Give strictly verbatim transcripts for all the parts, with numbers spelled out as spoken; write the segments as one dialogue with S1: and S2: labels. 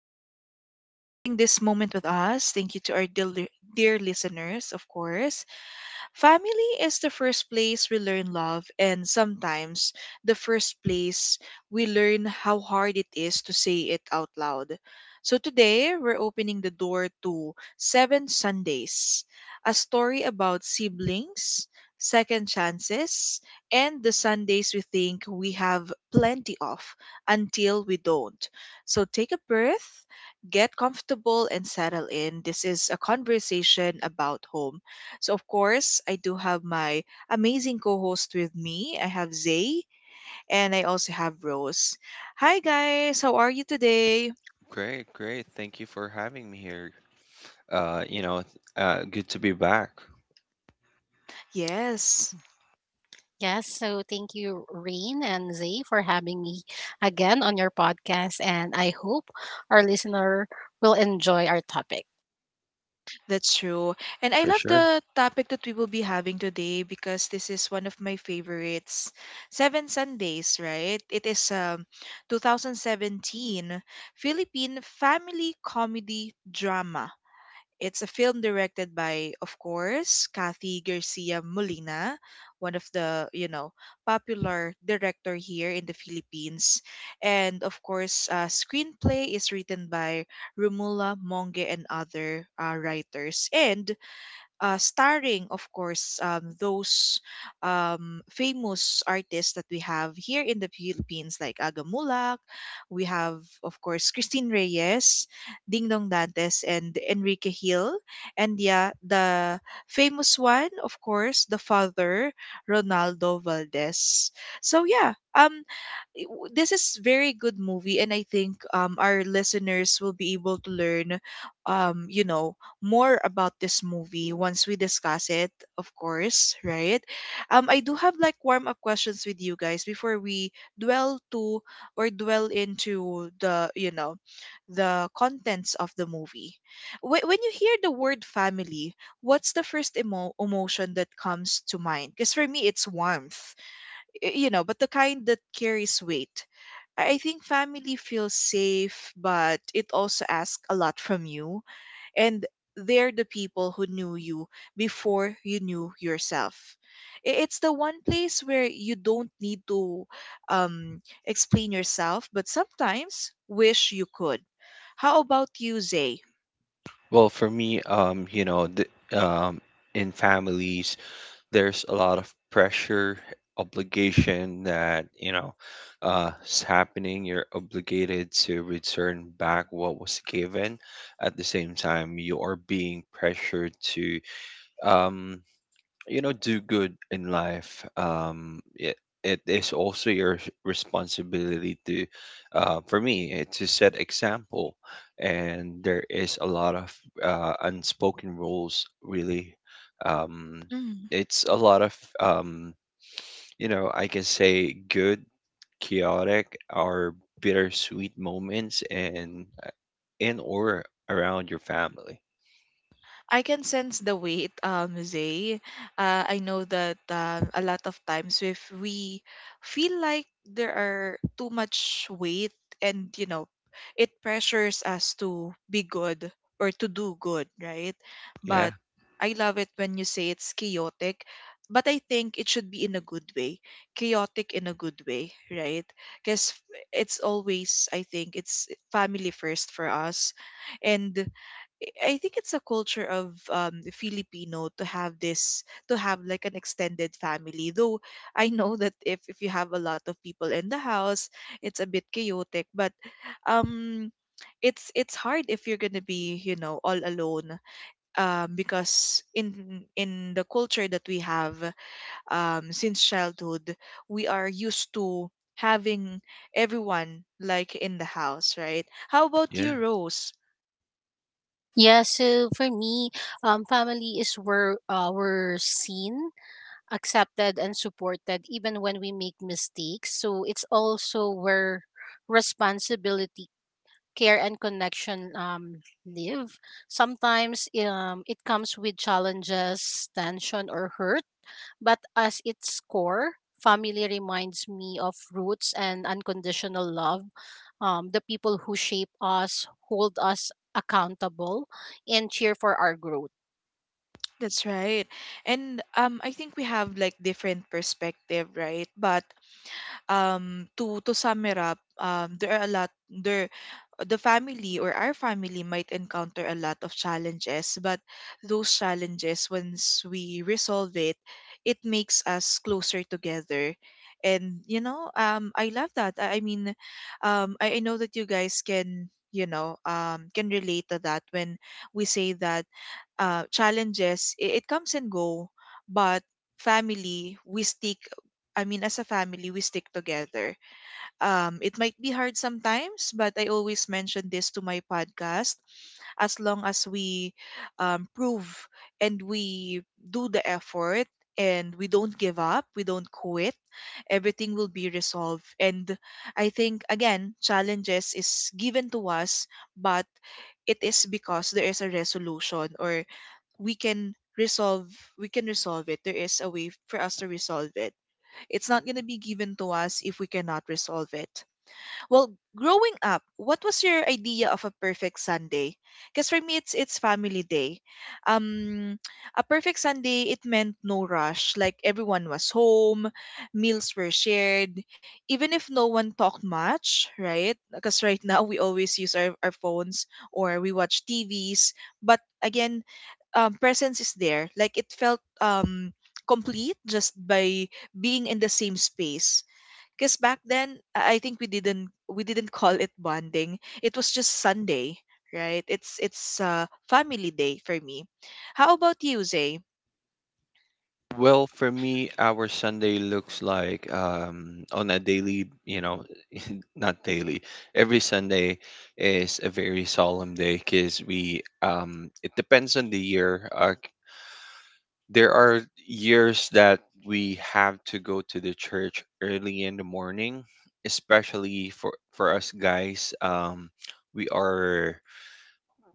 S1: Thank you for spending this moment with us. Thank you to our dear, dear listeners, of course. Family is the first place we learn love, and sometimes the first place we learn how hard it is to say it out loud. So today, we're opening the door to Seven Sundays, a story about siblings, second chances, and the Sundays we think we have plenty of until we don't. So take a breath, get comfortable, and settle in. This is a conversation about home, so, of course, I do have my amazing co host with me. I have Zay and I also have Rose. Hi, guys. How are you today?
S2: Great, great. Thank you for having me here. Uh, you know, uh, Good to be back.
S1: Yes,
S3: Yes, so thank you, Rain and Zay, for having me again on your podcast. And I hope our listener will enjoy our topic.
S1: that's true. And I
S2: For
S1: love
S2: sure.
S1: the topic that we will be having today because this is one of my favorites. Seven Sundays, right? It is um, twenty seventeen Philippine family comedy drama. It's a film directed by, of course, Kathy Garcia Molina, one of the, you know, popular director here in the Philippines. And of course, uh, screenplay is written by Romula Monge and other uh, writers. And uh, starring, of course, um, those um, famous artists that we have here in the Philippines, like Aga Mulak. We have, of course, Christine Reyes, Ding Dong Dantes, and Enrique Hill. And yeah, the famous one, of course, the father, Ronaldo Valdez. So yeah, um, it w- this is very good movie, and i think um, our listeners will be able to learn um, you know more about this movie once we discuss it, of course, right? um, I do have like warm up questions with you guys before we dwell to or dwell into the you know the contents of the movie. Wh- when you hear the word family, what's the first emo- emotion that comes to mind? Because for me it's warmth, y- you know, but the kind that carries weight. I I think family feels safe, but it also asks a lot from you. And they're the people who knew you before you knew yourself. I- It's the one place where you don't need to um, explain yourself, but sometimes wish you could. How about you, Zay?
S2: Well, for me, um, you know, th um, in families, there's a lot of pressure, obligation that, you know, uh, is happening. You're obligated to return back what was given. At the same time, you are being pressured to, um, you know do good in life. Um it, it is also your s- responsibility to, uh, for me, eh, to set example, and there is a lot of uh, unspoken rules, really. um,
S1: Mm-hmm.
S2: it's a lot of, um, you know I can say good, chaotic, or bittersweet moments and in or around your family.
S1: I can sense the weight, um, Zay. Uh, I know that uh, a lot of times if we feel like there are too much weight and, you know, it pressures us to be good or to do good, right?
S2: Yeah,
S1: But I love it when you say it's chaotic, but I think it should be in a good way. Chaotic in a good way, right? Because it's always, I think, it's family first for us. And I think it's a culture of um, Filipino to have this to have like an extended family. Though I know that if if you have a lot of people in the house, it's a bit chaotic. But um, it's it's hard if you're gonna be you know all alone. Um, because in in the culture that we have um since childhood, we are used to having everyone like in the house, right? How about
S2: yeah.
S1: you, Rose?
S3: Yeah, so for me, um, family is where uh, we're seen, accepted, and supported even when we make mistakes. So it's also where responsibility, care, and connection um, live. Sometimes um, it comes with challenges, tension, or hurt but as its core, family reminds me of roots and unconditional love. Um, the people who shape us, hold us accountable, and cheer for our growth.
S1: That's right. And um I think we have like different perspective, right? But um to to sum it up, um there are a lot there the family or our family might encounter a lot of challenges, but those challenges, once we resolve it, it makes us closer together. And you know, um I love that. I, I mean, um I, I know that you guys can you know um can relate to that when we say that uh, challenges, it, it comes and go, but family we stick, I mean, as a family we stick together. Um, it might be hard sometimes, but I always mention this to my podcast. As long as we um, prove and we do the effort and we don't give up, we don't quit, everything will be resolved. And I think, again, challenges is given to us, but it is because there is a resolution, or we can resolve, we can resolve it. There is a way for us to resolve it. It's not going to be given to us if we cannot resolve it. Well, growing up, what was your idea of a perfect Sunday? Because for me, it's it's family day. Um, a perfect Sunday, it meant no rush. Like everyone was home, meals were shared, even if no one talked much, right? Because right now we always use our, our phones or we watch T Vs. But again, um, presence is there. Like it felt um complete, just by being in the same space. Because back then, I I think we didn't we didn't call it bonding. It was just Sunday, right? It's it's uh, family day for me. How about you, Zay?
S2: Well, for me, our Sunday looks like, um, on a daily, you know, not daily. Every Sunday is a very solemn day, because we. Um, it depends on the year. Uh, there are years that we have to go to the church early in the morning, especially for for us guys. Um, we are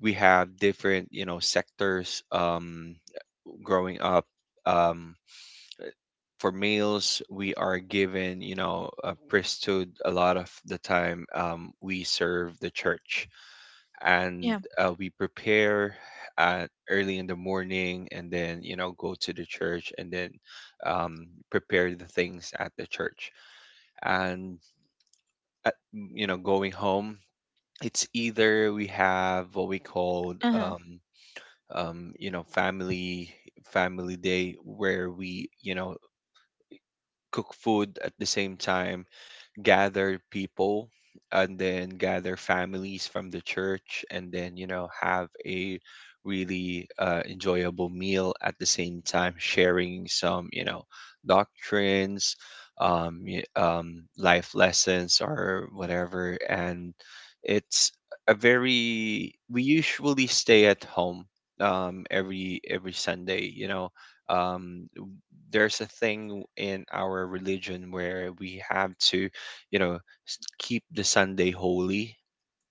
S2: we have different, you know, sectors, um, growing up. Um, for males, we are given, you know, a priesthood, a lot of the time. Um, we serve the church and
S1: Yeah.
S2: uh, we prepare uh, early in the morning, and then, you know, go to the church, and then um, prepare the things at the church. And, at, you know, going home, it's either we have what we called,
S1: Uh-huh.
S2: um, um, you know, family family day, where we, you know, cook food at the same time, gather people, and then gather families from the church, and then you know have a really uh, enjoyable meal at the same time, sharing some you know doctrines, um, y- um, life lessons or whatever, and it's a very we usually stay at home, um, every every Sunday, you know um, there's a thing in our religion where we have to, you know s- keep the Sunday holy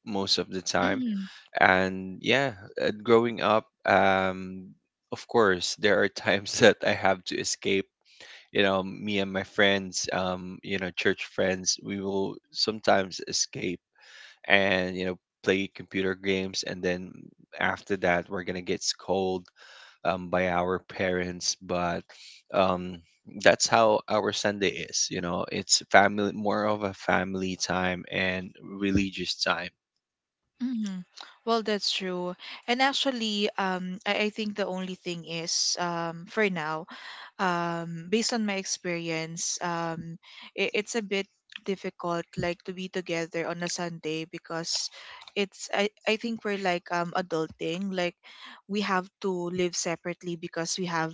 S2: most of the time.
S1: Mm-hmm.
S2: And yeah, uh, growing up, um of course there are times that I have to escape. You know me and my friends, um you know church friends, we will sometimes escape and you know play computer games, and then after that we're gonna get scold um, by our parents. But um, that's how our Sunday is. You know, it's family, more of a family time and religious time.
S1: Mm-hmm. Well, that's true. And actually, um, I, I think the only thing is, um, for now, um based on my experience, um it, it's a bit difficult, like, to be together on a Sunday. Because it's i i think we're like um adulting, like we have to live separately because we have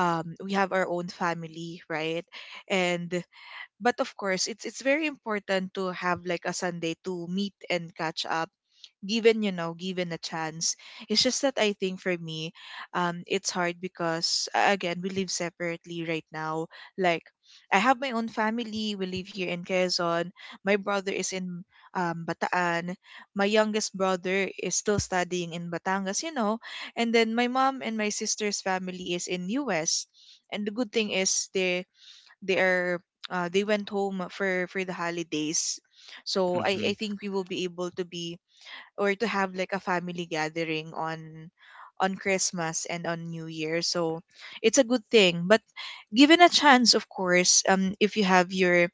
S1: um we have our own family, right? And but of course, it's it's very important to have like a Sunday to meet and catch up, given, you know given a chance. It's just that I think for me, um it's hard because, uh, again, we live separately right now. Like, I have my own family, we live here in Quezon. My brother is in um Bataan. My youngest brother is still studying in Batangas, you know. And then my mom and my sister's family is in U S. And the good thing is they they are uh, they went home for for the holidays. So
S2: Hmm.
S1: i i think we will be able to be or to have like a family gathering on on Christmas and on New Year. So it's a good thing. But given a chance, of course, um, if you have your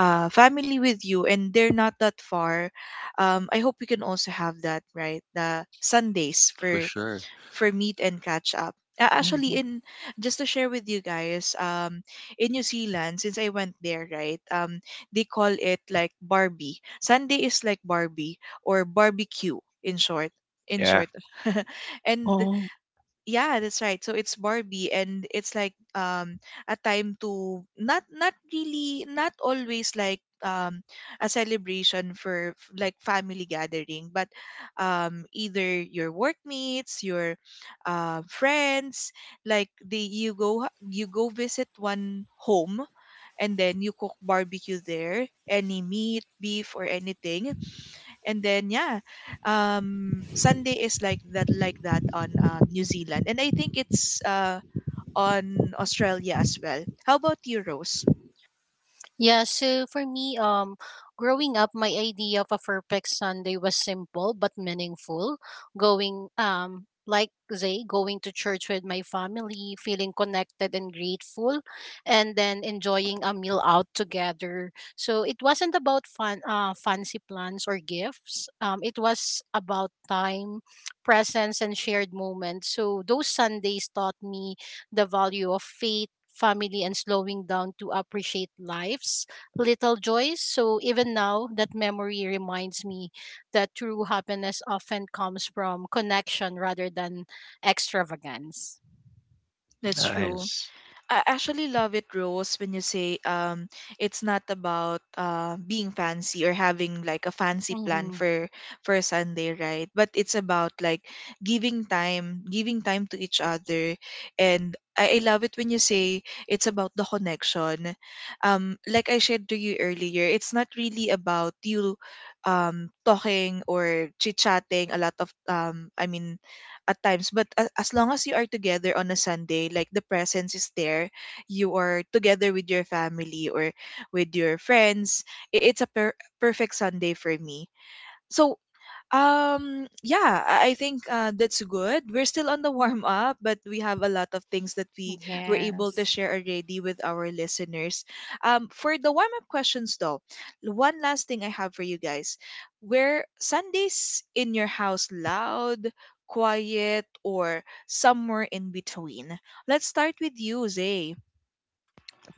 S1: uh, family with you and they're not that far, um, I hope you can also have that, right? The Sundays
S2: For
S1: for
S2: sure.
S1: for meat and catch up. Uh, actually,
S3: Mhm.
S1: in just to share with you guys, um, in New Zealand, since I went there, right, um, they call it like Barbie. Sunday is like Barbie or barbecue in short. In
S2: Yeah,
S1: short, and
S3: Oh,
S1: yeah, that's right. So it's Barbie, and it's like um a time to not, not really, not always, like um a celebration for f- like family gathering, but um either your workmates, your uh, friends. Like the you go you go visit one home, and then you cook barbecue there, any meat, beef, or anything. And then yeah, um Sunday is like that, like that on um, New Zealand. And I think it's uh on Australia as well. How about you, Rose?
S3: yeah, so for me, um, growing up, my idea of a perfect Sunday was simple but meaningful. Going, um, like they going to church with my family, feeling connected and grateful, and then enjoying a meal out together. So it wasn't about fun, uh, fancy plans or gifts. Um, it was about time, presence, and shared moments. So those Sundays taught me the value of faith, family, and slowing down to appreciate life's little joys. So even now, that memory reminds me that true happiness often comes from connection rather than extravagance.
S1: That's true.
S2: nice.
S1: I actually love it, Rose, when you say um, it's not about uh, being fancy or having like a fancy plan
S3: Mm-hmm.
S1: for for Sunday, right? But it's about like giving time, giving time to each other, and I, I love it when you say it's about the connection. Um, like I shared to you earlier, it's not really about you um talking or chit chatting a lot of, um I mean, at times, but a- as long as you are together on a Sunday, like the presence is there, you are together with your family or with your friends. I- it's a per- perfect Sunday for me, so um, yeah, I I think uh, that's good. We're still on the warm up, but we have a lot of things that we were able to
S3: Yes.
S1: share already with our listeners. Um, for the warm up questions, though, one last thing I have for you guys. Were Sundays in your house loud, quiet, or somewhere in between? Let's start with you, Zay.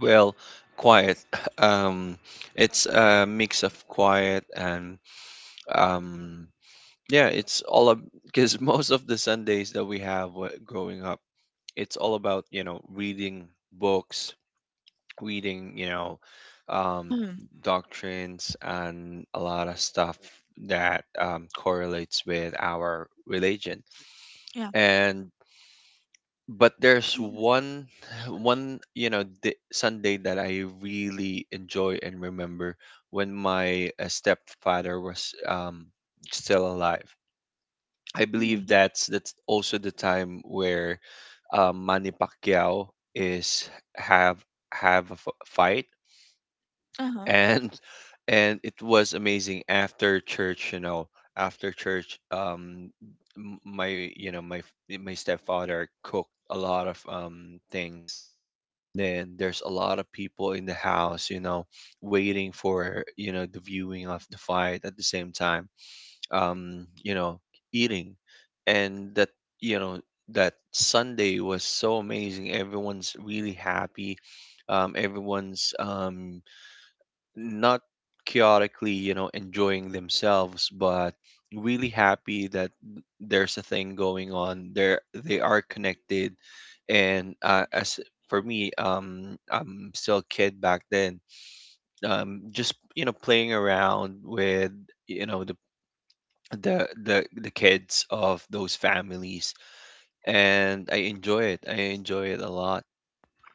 S2: Well, quiet. Um, it's a mix of quiet and, um, yeah, it's all up, because most of the Sundays that we have, wh- growing up, it's all about, you know reading books, reading, you know, um,
S1: Mm,
S2: doctrines, and a lot of stuff that um, correlates with our religion.
S1: yeah.
S2: And but there's
S1: Mm,
S2: one one you know d Sunday that I really enjoy and remember, when my uh, stepfather was, um, still alive. I believe
S1: mm,
S2: that's that's also the time where, um, Manny Pacquiao is have have a f- fight,
S1: uh-huh.
S2: and and it was amazing after church. You know after church, um m- my you know my f- my stepfather cooked a lot of um things, and then there's a lot of people in the house, you know waiting for, you know the viewing of the fight, at the same time, um you know eating. And that you know that Sunday was so amazing. Everyone's really happy, um everyone's um not chaotically, you know, enjoying themselves, but really happy that there's a thing going on. They're they are connected, and uh, as for me, um, I'm still a kid back then. Um, just, you know, playing around with, you know the the the the kids of those families, and I enjoy it. I enjoy it a lot.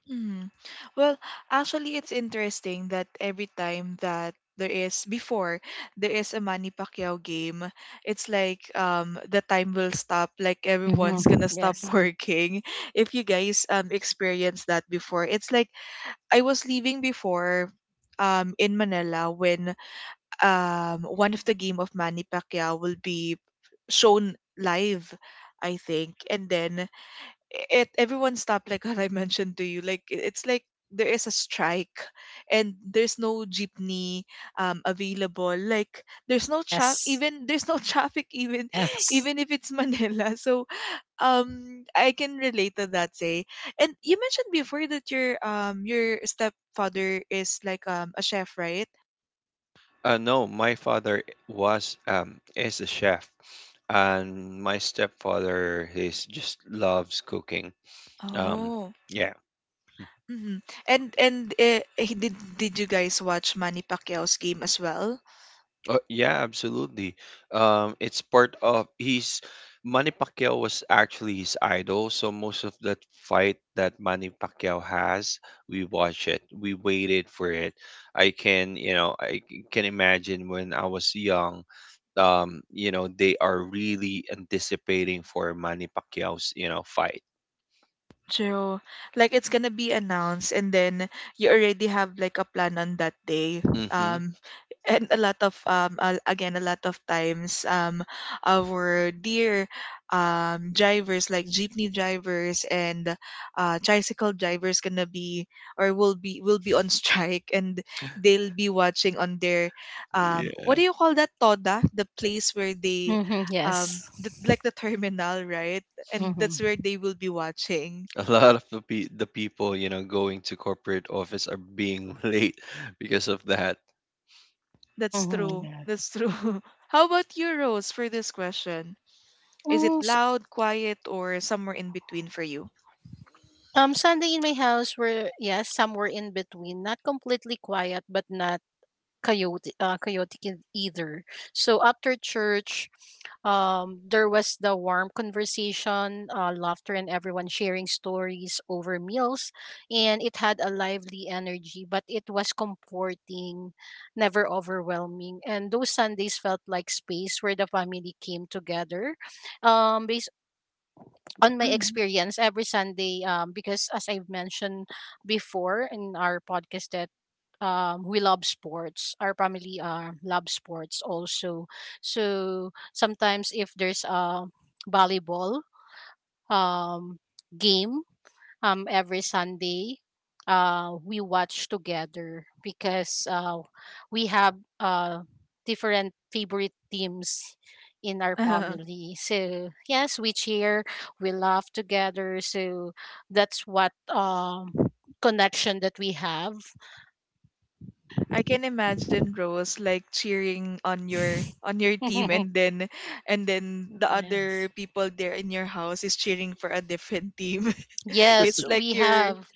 S1: Mm. Well, actually, it's interesting that every time that there is before there is a Manny Pacquiao game, it's like um the time will stop, like everyone's
S3: Mm-hmm.
S1: gonna stop
S3: Yes.
S1: working. If you guys um experience that before, it's like I was leaving before, um in Manila, when um one of the game of Manny Pacquiao will be shown live, I think, and then it everyone stopped like what I mentioned to you. Like, i- it's like there is a strike, and there's no jeepney um available. Like there's no traffic
S3: Yes.
S1: even, there's no traffic even,
S3: Yes.
S1: even if it's Manila. So um I can relate to that, say. And you mentioned before that your um your stepfather is like um a chef, right?
S2: Uh, no, my father was um is a chef, and my stepfather, he's just loves cooking. Um,
S1: Oh.
S2: yeah.
S1: Mm-hmm. And and uh, he- did did you guys watch Manny Pacquiao's game as well?
S2: Uh, yeah, absolutely. Um, it's part of he's Manny Pacquiao was actually his idol, so most of that fight that Manny Pacquiao has, we watch it. We waited for it. I can, you know, I c- can imagine when I was young, um you know they are really anticipating for Manny Pacquiao's, you know fight.
S1: True. Like it's gonna be announced, and then you already have like a plan on that day.
S2: Hmm.
S1: Um and a lot of um a- again a lot of times um our dear um drivers like jeepney drivers and uh tricycle drivers gonna be or will be will be on strike, and they'll be watching on their um what
S2: Yeah.
S1: do you call that, toda, the place where they
S3: Mm-hmm.
S1: um the,
S3: Yes.
S1: like the terminal, right? And
S3: Mm-hmm.
S1: that's where they will be watching.
S2: A lot of the, pe- the people, you know, going to corporate office are being late because of that.
S1: That's
S3: Mm-hmm.
S1: true.
S3: Yes.
S1: That's true. How about you, Rose, for this question? Is it
S3: Mm, s-
S1: loud, quiet, or somewhere in between for you?
S3: um, Sunday in my house were, yes, somewhere in between, not completely quiet, but not chaotic, uh, chaotic e- either. So after church, um, there was the warm conversation, uh, laughter, and everyone sharing stories over meals, and it had a lively energy. But it was comforting, never overwhelming, and those Sundays felt like space where the family came together. Um, on my
S1: Mm.
S3: experience every Sunday, um, because as I've mentioned before in our podcast that um, we love sports. Our family uh, love sports also. So sometimes if there's a volleyball um, game um every Sunday. Uh, we watch together because uh, we have uh different favorite teams in our family. So yes, we cheer, we laugh together. So that's what um connection that we have.
S1: I can imagine Rose like cheering on your on your team, and then and then the other
S3: Yes.
S1: people there in your house is cheering for a different team.
S3: Yes,
S1: It's like
S3: we
S1: your,
S3: have.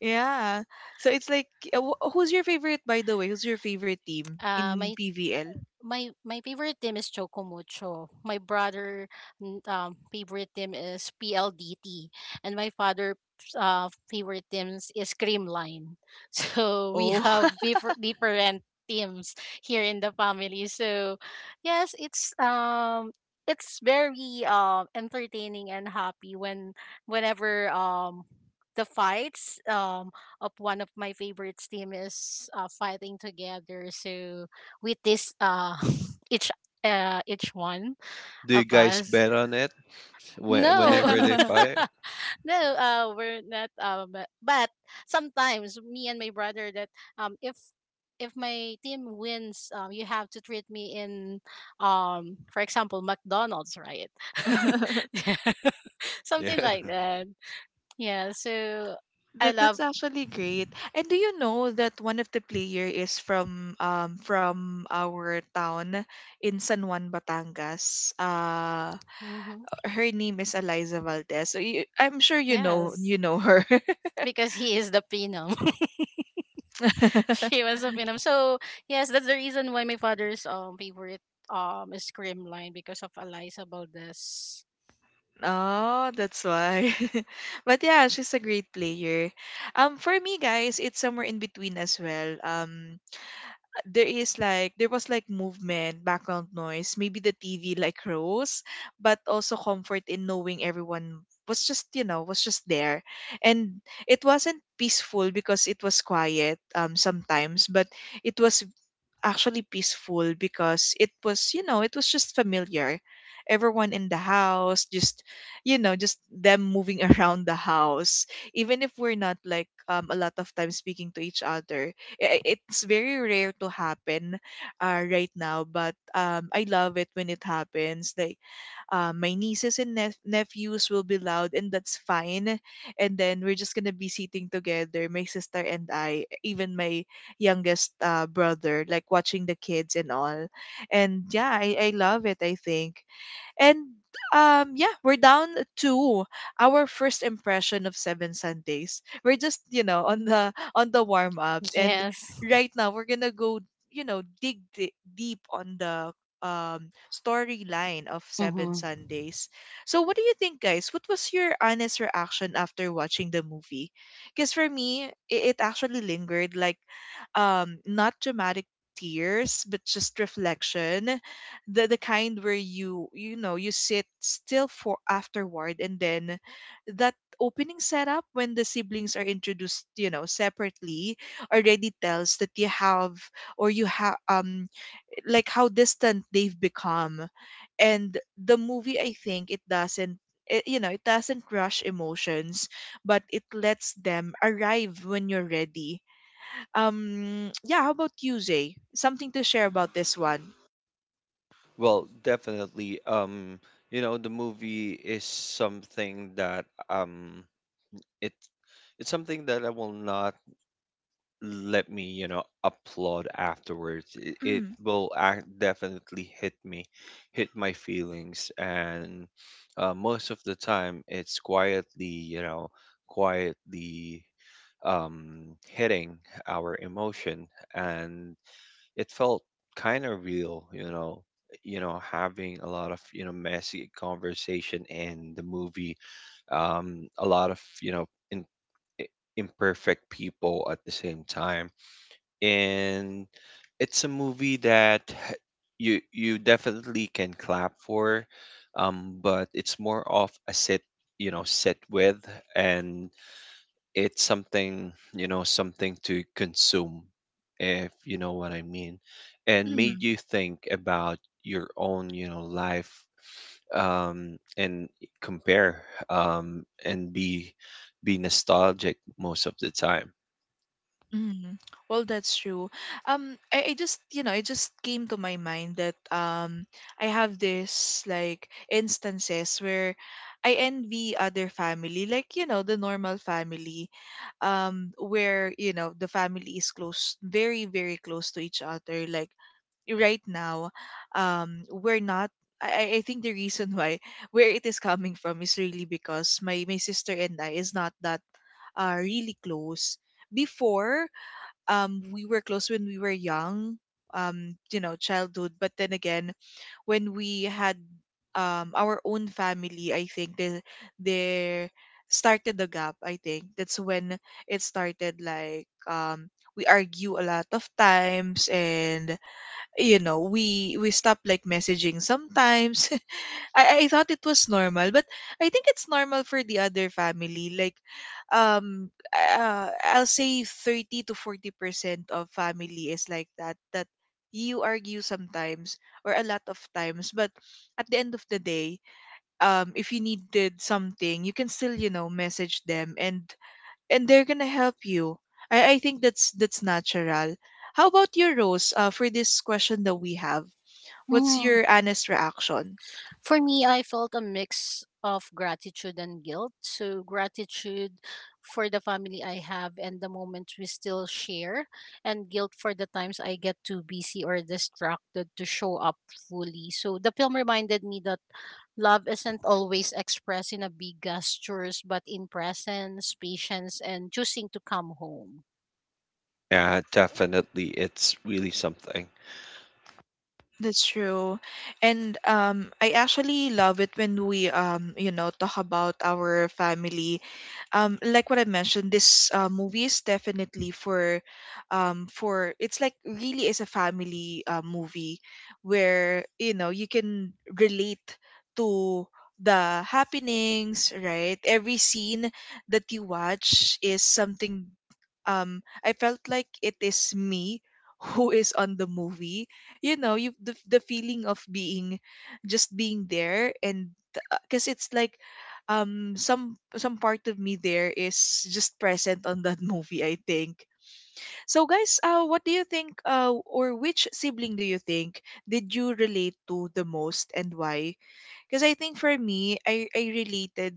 S1: yeah. So it's like, uh, wh- who's your favorite, by the way? Who's your favorite team
S3: Uh,
S1: in
S3: my
S1: P V L?
S3: my my favorite team is Choco Mucho. My brother n- um favorite team is P L D T and my father uh favorite teams is Creamline. So we
S1: Oh.
S3: have differ- different teams here in the family. So yes, it's um it's very um entertaining and happy when whenever um the fights um of one of my favorites team is uh, fighting together so with this uh each uh each one
S2: Do you
S3: of
S2: guys
S3: us.
S2: bet on it when,
S3: no
S2: whenever they fight?
S3: no uh we're not, um but, but sometimes me and my brother that um if if my team wins um you have to treat me in, um, for example, McDonald's, right? Yeah. Something
S2: Yeah.
S3: like that. Yeah, so I
S1: That that's
S3: love.
S1: actually great. And do you know that one of the player is from um from our town in San Juan, Batangas? Uh
S3: Hmm.
S1: her name is Eliza Valdez. So you, I'm sure you know
S3: Yes,
S1: you know her.
S3: because he is the pino. She was a Phenom. So yes, that's the reason why my father's um favorite um is Screamline because of Eliza Valdez.
S1: Oh, that's why. But yeah, she's a great player. Um, for me, guys, it's somewhere in between as well. Um, there is like there was like movement, background noise, maybe the T V like rose, but also comfort in knowing everyone was just you know was just there, and it wasn't peaceful because it was quiet um sometimes, but it was actually peaceful because it was, you know, it was just familiar. Everyone in the house, just, you know, just them moving around the house. Even if we're not like um, a lot of time speaking to each other, I- I- it's very rare to happen uh, right now. But um, I love it when it happens. Like, uh, my nieces and nep- nephews will be loud, and that's fine, and then we're just gonna be sitting together, my sister and I, even my youngest uh, brother, like watching the kids and all. And yeah, I, I love it, I think. And um yeah, we're down to our first impression of Seven Sundays. We're just, you know, on the on the warm up, and
S3: Yes.
S1: right now we're going to go, you know, dig di- deep on the um storyline of Seven
S3: Mm-hmm.
S1: Sundays. So what do you think, guys? What was your honest reaction after watching the movie? Cuz for me, it, it actually lingered, like um not dramatic tears but just reflection, the the kind where you you know you sit still for afterward. And then that opening setup when the siblings are introduced, you know, separately, already tells that you have or you have um like how distant they've become. And the movie, I think, it doesn't, it, you know it doesn't rush emotions, but it lets them arrive when you're ready. Um yeah, how about you, Jay? Something to share about this one?
S2: Well, definitely. Um, you know, the movie is something that, um it it's something that I will not let me, you know, applaud afterwards. It, it will act definitely hit me, hit my feelings, and uh, most of the time it's quietly, you know, quietly um hitting our emotion, and it felt kind of real. You know, you know, having a lot of, you know, messy conversation in the movie, um, a lot of, you know, in, i- imperfect people at the same time. And it's a movie that you you definitely can clap for, um, but it's more of a sit, you know, sit with, and it's something, you know something to consume, if you know what I mean, and made you think about your own, you know life, um and compare, um and be be nostalgic most of the time.
S1: Mm. Well, that's true. Um, I, I just, you know, it just came to my mind that um I have this, like, instances where I envy other family, like, you know, the normal family, um where you know the family is close, very very close to each other. Like, right now, um we're not. I, I I think the reason why where it is coming from is really because my my sister and I is not that uh really close before. Um we were close when we were young, um you know childhood, but then again when we had um our own family, I think they they started the gap. I think that's when it started, like, um we argue a lot of times, and, you know, we we stop like messaging sometimes. I, I thought it was normal, but I think it's normal for the other family. Like, um, uh, I'll say thirty to forty percent of family is like that, that you argue sometimes or a lot of times, but at the end of the day, um, if you needed something, you can still, you know, message them, and, and they're gonna help you. I, I think that's, that's natural. How about your Rose, uh, for this question that we have? What's
S3: Mm-hmm.
S1: your honest reaction?
S3: For me, I felt a mix of gratitude and guilt. So, gratitude for the family I have and the moments we still share, and guilt for the times I get too busy or distracted to show up fully. So, the film reminded me that love isn't always expressed in a big gestures, but in presence, patience, and choosing to come home.
S2: Yeah, definitely, it's really something.
S1: That's true. And um I actually love it when we um you know talk about our family. Um like what I mentioned, this uh, movie is definitely for um for it's like really is a family uh, movie where you know you can relate to the happenings, right? Every scene that you watch is something. um I felt like it is me who is on the movie, you know, you, the, the feeling of being, just being there. And because it's like um some some part of me there is just present on that movie, I think. So guys, uh what do you think, uh or which sibling do you think did you relate to the most, and why? Because I think for me, I, I related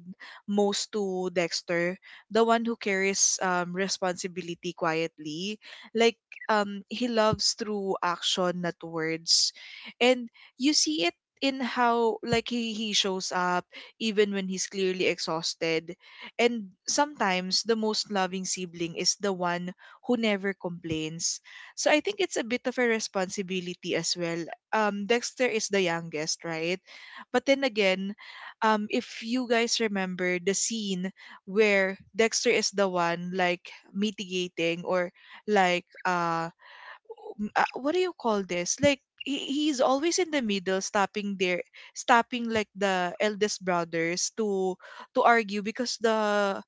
S1: most to Dexter, the one who carries um, responsibility quietly. Like, um, he loves through action, not words. And you see it in how, like, he, he shows up even when he's clearly exhausted. And sometimes the most loving sibling is the one who never complains. So I think it's a bit of a responsibility as well. Um dexter is the youngest, right? But then again, um, if you guys remember the scene where Dexter is the one like mitigating or like, uh, m- uh what do you call this? Like he, he's always in the middle, stopping there, stopping like the eldest brothers to to argue, because the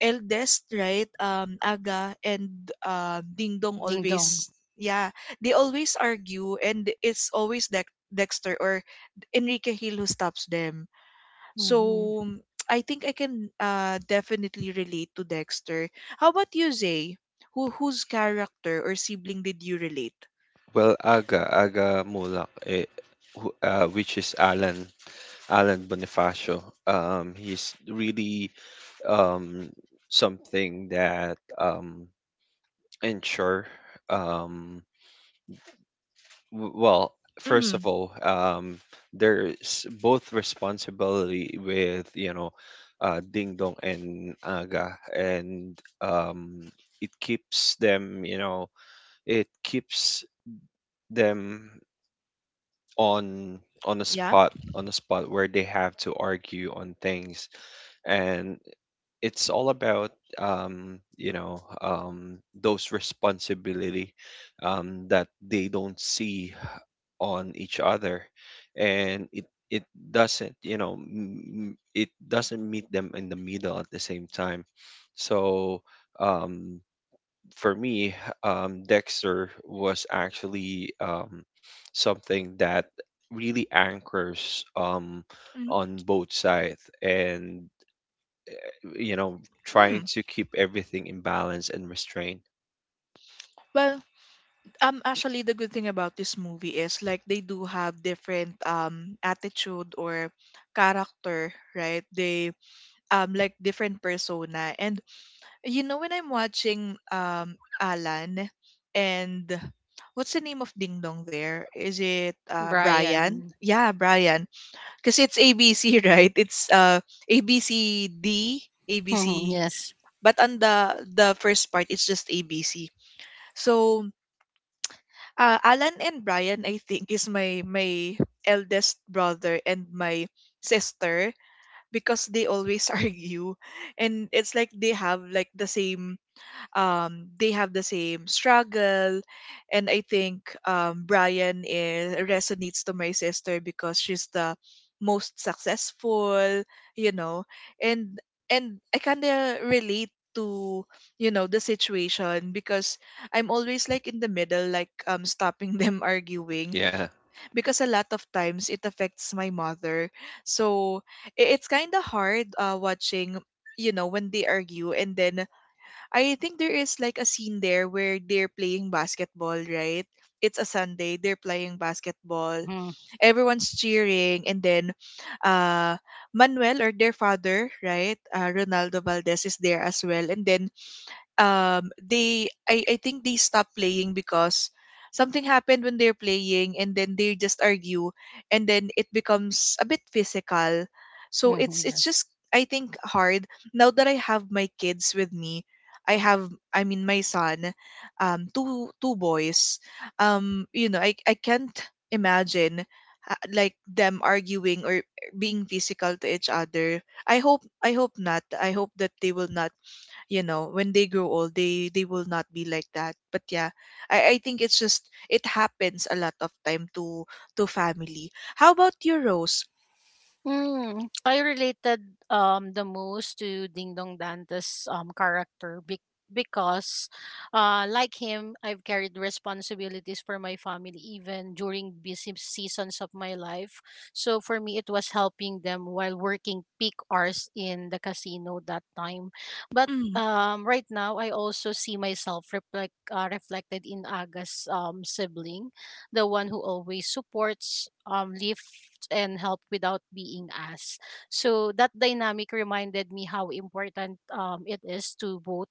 S1: eldest, right? Um, Aga and um, Ding Dong
S3: Ding dong.
S1: always, yeah, they always argue, and it's always Dex- Dexter or Enrique Hill who stops them. So,
S3: Hmm.
S1: mm, I think I can uh, definitely relate to Dexter. How about you, Zay? Who whose character or sibling did you relate?
S2: Well, aga aga Mulak, eh, who- uh, which is alan Alan Bonifacio. Um he's really, um something that, um ensure, um w- well, first of
S1: Mm,
S2: all, um there's both responsibility with, you know uh Ding Dong and Aga, and, um it keeps them you know it keeps them on on a
S1: yeah.
S2: spot, on a spot where they have to argue on things. And it's all about, um, you know um, those responsibility, um, that they don't see on each other, and it it doesn't, you know m- m- it doesn't meet them in the middle at the same time. So um, for me, um, Dexter was actually, um, something that really anchors, um,
S1: Mm-hmm.
S2: on both sides, and you know, trying
S1: Hmm.
S2: to keep everything in balance and restraint.
S1: Well, um actually the good thing about this movie is like they do have different um attitude or character, right? They um like different persona. And you know when I'm watching um Alan, and what's the name of Ding Dong there? Is it uh Brian?
S3: Brian.
S1: Yeah, Brian. Because it's abc, right? It's uh A B C D A B
S3: Hmm.
S1: C,
S3: Yes.
S1: but on the the first part it's just abc. So, uh, Alan and Brian, I think, is my my eldest brother and my sister because they always argue. And it's like they have like the same um, they have the same struggle. And I think um, Brian is, resonates to my sister, because she's the most successful, you know. And and I kind of relate to, you know, the situation because I'm always like in the middle, like um stopping them arguing,
S2: Yeah.
S1: because a lot of times it affects my mother. So i- it's kind of hard uh, watching, you know, when they argue. And then I think there is like a scene there where they're playing basketball, right? It's a Sunday, they're playing basketball.
S3: Hmm.
S1: Everyone's cheering, and then uh Manuel, or their father, right? Uh, Ronaldo Valdez is there as well. And then um they I, I think they stopped playing because something happened when they're playing, and then they just argue, and then it becomes a bit physical. So
S3: Hmm.
S1: it's it's
S3: Yes.
S1: just, I think, hard. Now that I have my kids with me, i have i mean my son, um two two boys. um you know i i can't imagine, uh, like, them arguing or being physical to each other. I hope i hope not. I hope that they will not, you know, when they grow old they they will not be like that. But yeah, i i think it's just it happens a lot of time to to family. How about you, Rose?
S3: Mm, I related um the most to Ding Dong Dante's um character be- because uh like him I've carried responsibilities for my family even during busy seasons of my life. So for me it was helping them while working peak hours in the casino that time. But
S1: Mm,
S3: um right now I also see myself reflect uh, reflected in Aga's um sibling, the one who always supports um Leaf and help without being asked. So that dynamic reminded me how important um, it is to both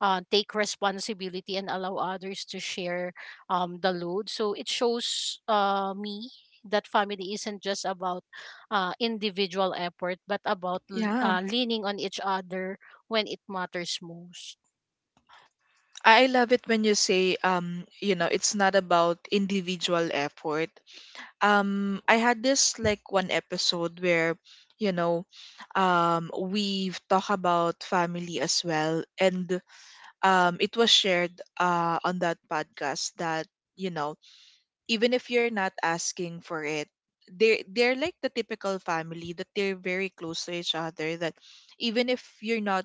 S3: uh, take responsibility and allow others to share um, the load. So it shows uh, me that family isn't just about uh, individual effort, but about l-
S1: yeah. i
S3: uh, leaning on each other when it matters most.
S1: I love it when you say, um you know it's not about individual effort. um I had this, like, one episode where, you know, um we've talked about family as well. And um it was shared uh on that podcast that you know even if you're not asking for it, they they're like the typical family that they're very close to each other, that even if you're not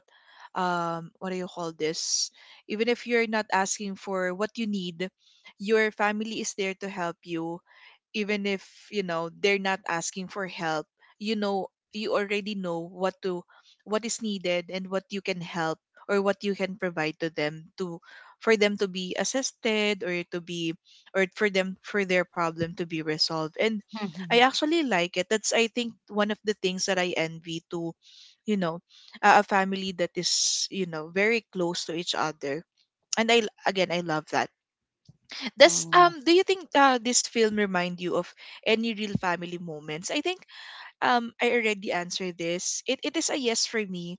S1: um what do you call this, even if you're not asking for what you need, your family is there to help you, even if you know they're not asking for help, you know, you already know what to, what is needed, and what you can help or what you can provide to them to, for them to be assisted, or to be, or for them for their problem to be resolved. And I
S3: Mm-hmm.
S1: actually like it. That's, I think, one of the things that I envy to, you know, a a family that is, you know, very close to each other. And i again I love that. does
S3: Mm-hmm.
S1: um do you think, uh, this film remind you of any real family moments? I think um I already answered this. It it is a yes for me,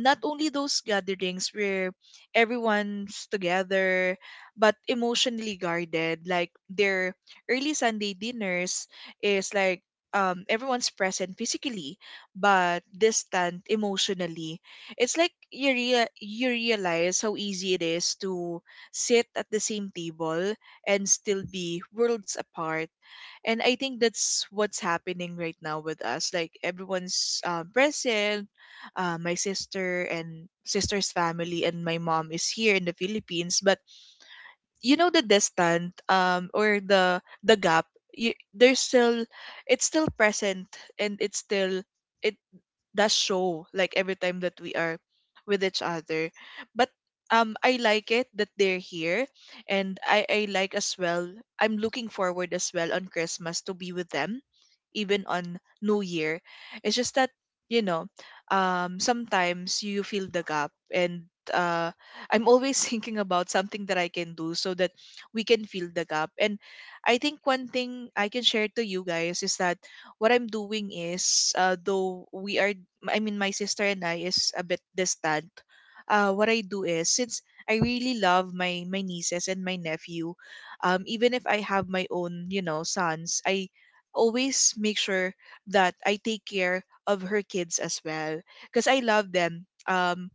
S1: not only those gatherings where everyone's together but emotionally guarded, like their early Sunday dinners is like, um, everyone's present physically but distant emotionally. It's like you rea- you realize how easy it is to sit at the same table and still be worlds apart. And I think that's what's happening right now with us, like everyone's um, present. Uh, my sister and sister's family and my mom is here in the Philippines, but you know, the distant, um, or the the gap, you, there's still, it's still present, and it's still, it does show, like every time that we are with each other. But um I like it that they're here, and i i like as well. I'm looking forward as well on Christmas to be with them, even on New Year. It's just that, you know, um sometimes you feel the gap, and uh I'm always thinking about something that I can do so that we can fill the gap. And I think one thing I can share to you guys is that what I'm doing is, uh, though we are, I mean my sister and I is a bit distant. Uh, what I do is, since I really love my my nieces and my nephew, um, even if I have my own, you know, sons, I always make sure that I take care of her kids as well because I love them. Um,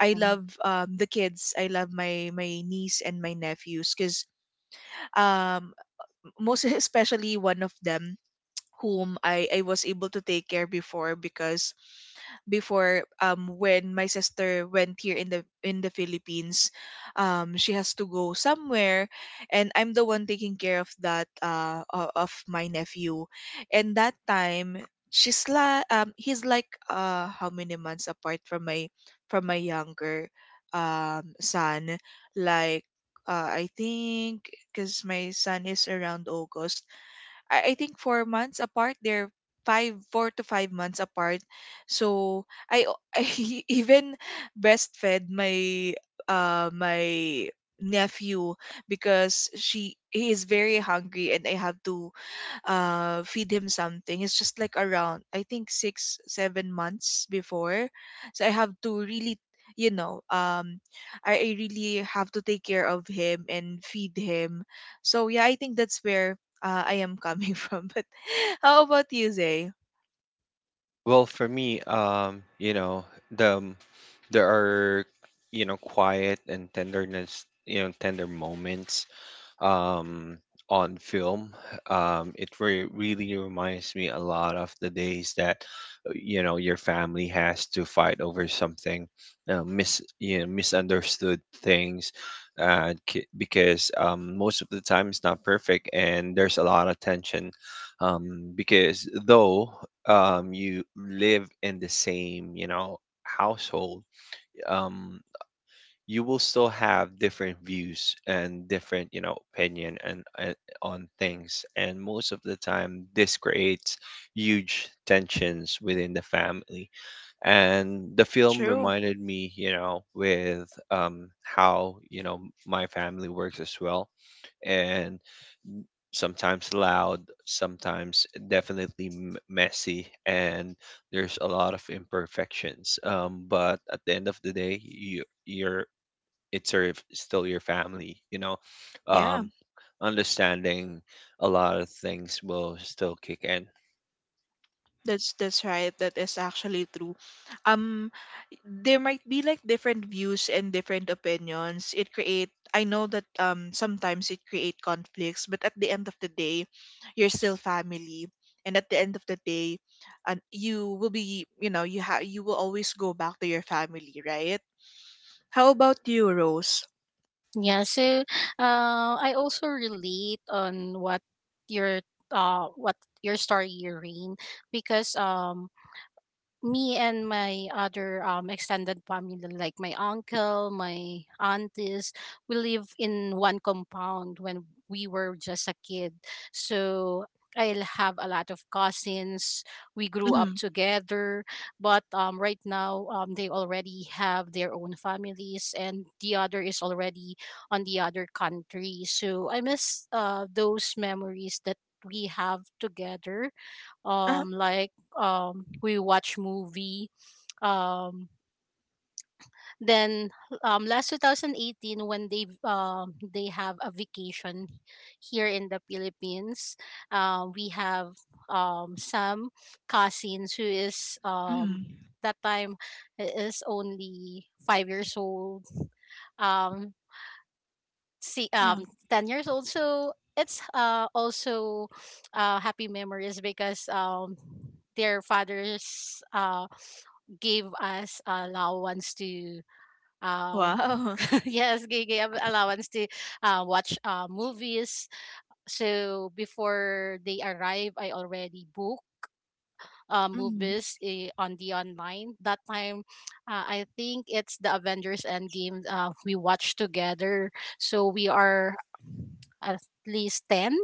S1: I love,
S3: Yes.
S1: um, the kids. I love my my niece and my nephews because, um, most especially one of them, whom I, I was able to take care before. Because before, um when my sister went here in the in the Philippines, um she has to go somewhere, and I'm the one taking care of that uh o- of my nephew. And that time, she's la um he's like, uh how many months apart from my from my younger, um son, like, uh, I think, because my son is around August, I, I think four months apart. They're five, four to five months apart. So I, o- I even breastfed my, uh my nephew, because she he is very hungry, and I have to uh feed him something. It's just like around, I think, six seven months before. So I have to really, you know um I, I really have to take care of him and feed him. So yeah, I think that's where, uh, I am coming from. But how about you, Zay?
S2: Well, for me, um, you know, the um, there are, you know, quiet and tenderness, you know, tender moments, um, on film. Um, it re- really reminds me a lot of the days that, uh, you know your family has to fight over something, uh, mis you know, misunderstood things, uh, ki- because, um, most of the time it's not perfect and there's a lot of tension. Um, because though, um, you live in the same, you know household. um, you will still have different views and different, you know opinion and, and on things, and most of the time this creates huge tensions within the family, and the film
S1: True.
S2: reminded me, you know with um how you know my family works as well. And sometimes loud, sometimes definitely m- messy, and there's a lot of imperfections. Um but at the end of the day, you you're, it's your, still your family, you know
S1: Yeah.
S2: um understanding a lot of things will still kick in.
S1: That's that's right. That is actually true. Um, there might be like different views and different opinions. It create. I know that, um sometimes it create conflicts, but at the end of the day, you're still family, and at the end of the day, and you will be, you know you have, you will always go back to your family, right? How about you, Rose?
S3: Yeah, so uh, I also relate on what your uh what your story, Irene, because um me and my other um extended family, like my uncle, my aunties, we live in one compound when we were just a kid. So I'll have a lot of cousins. We grew up
S1: Mm-hmm.
S3: together, but um right now um they already have their own families and the other is already on the other country, so I miss uh those memories that we have together,
S1: Uh-huh.
S3: um like um we watch movie. um then um last two thousand eighteen when they um they have a vacation here in the Philippines. Uh, we have um some cousins who is um
S1: Mm,
S3: that time is only five years old, um see,
S1: yeah.
S3: um ten years old, so it's uh also uh happy memories because um their fathers uh gave us allowance to, um
S1: Wow.
S3: yes, they gave allowance to uh, watch uh, movies. So before they arrive I already booked uh,
S1: Mm,
S3: movies, eh, on the online that time. uh, I think it's the Avengers Endgame, uh, we watched together. So we are at least ten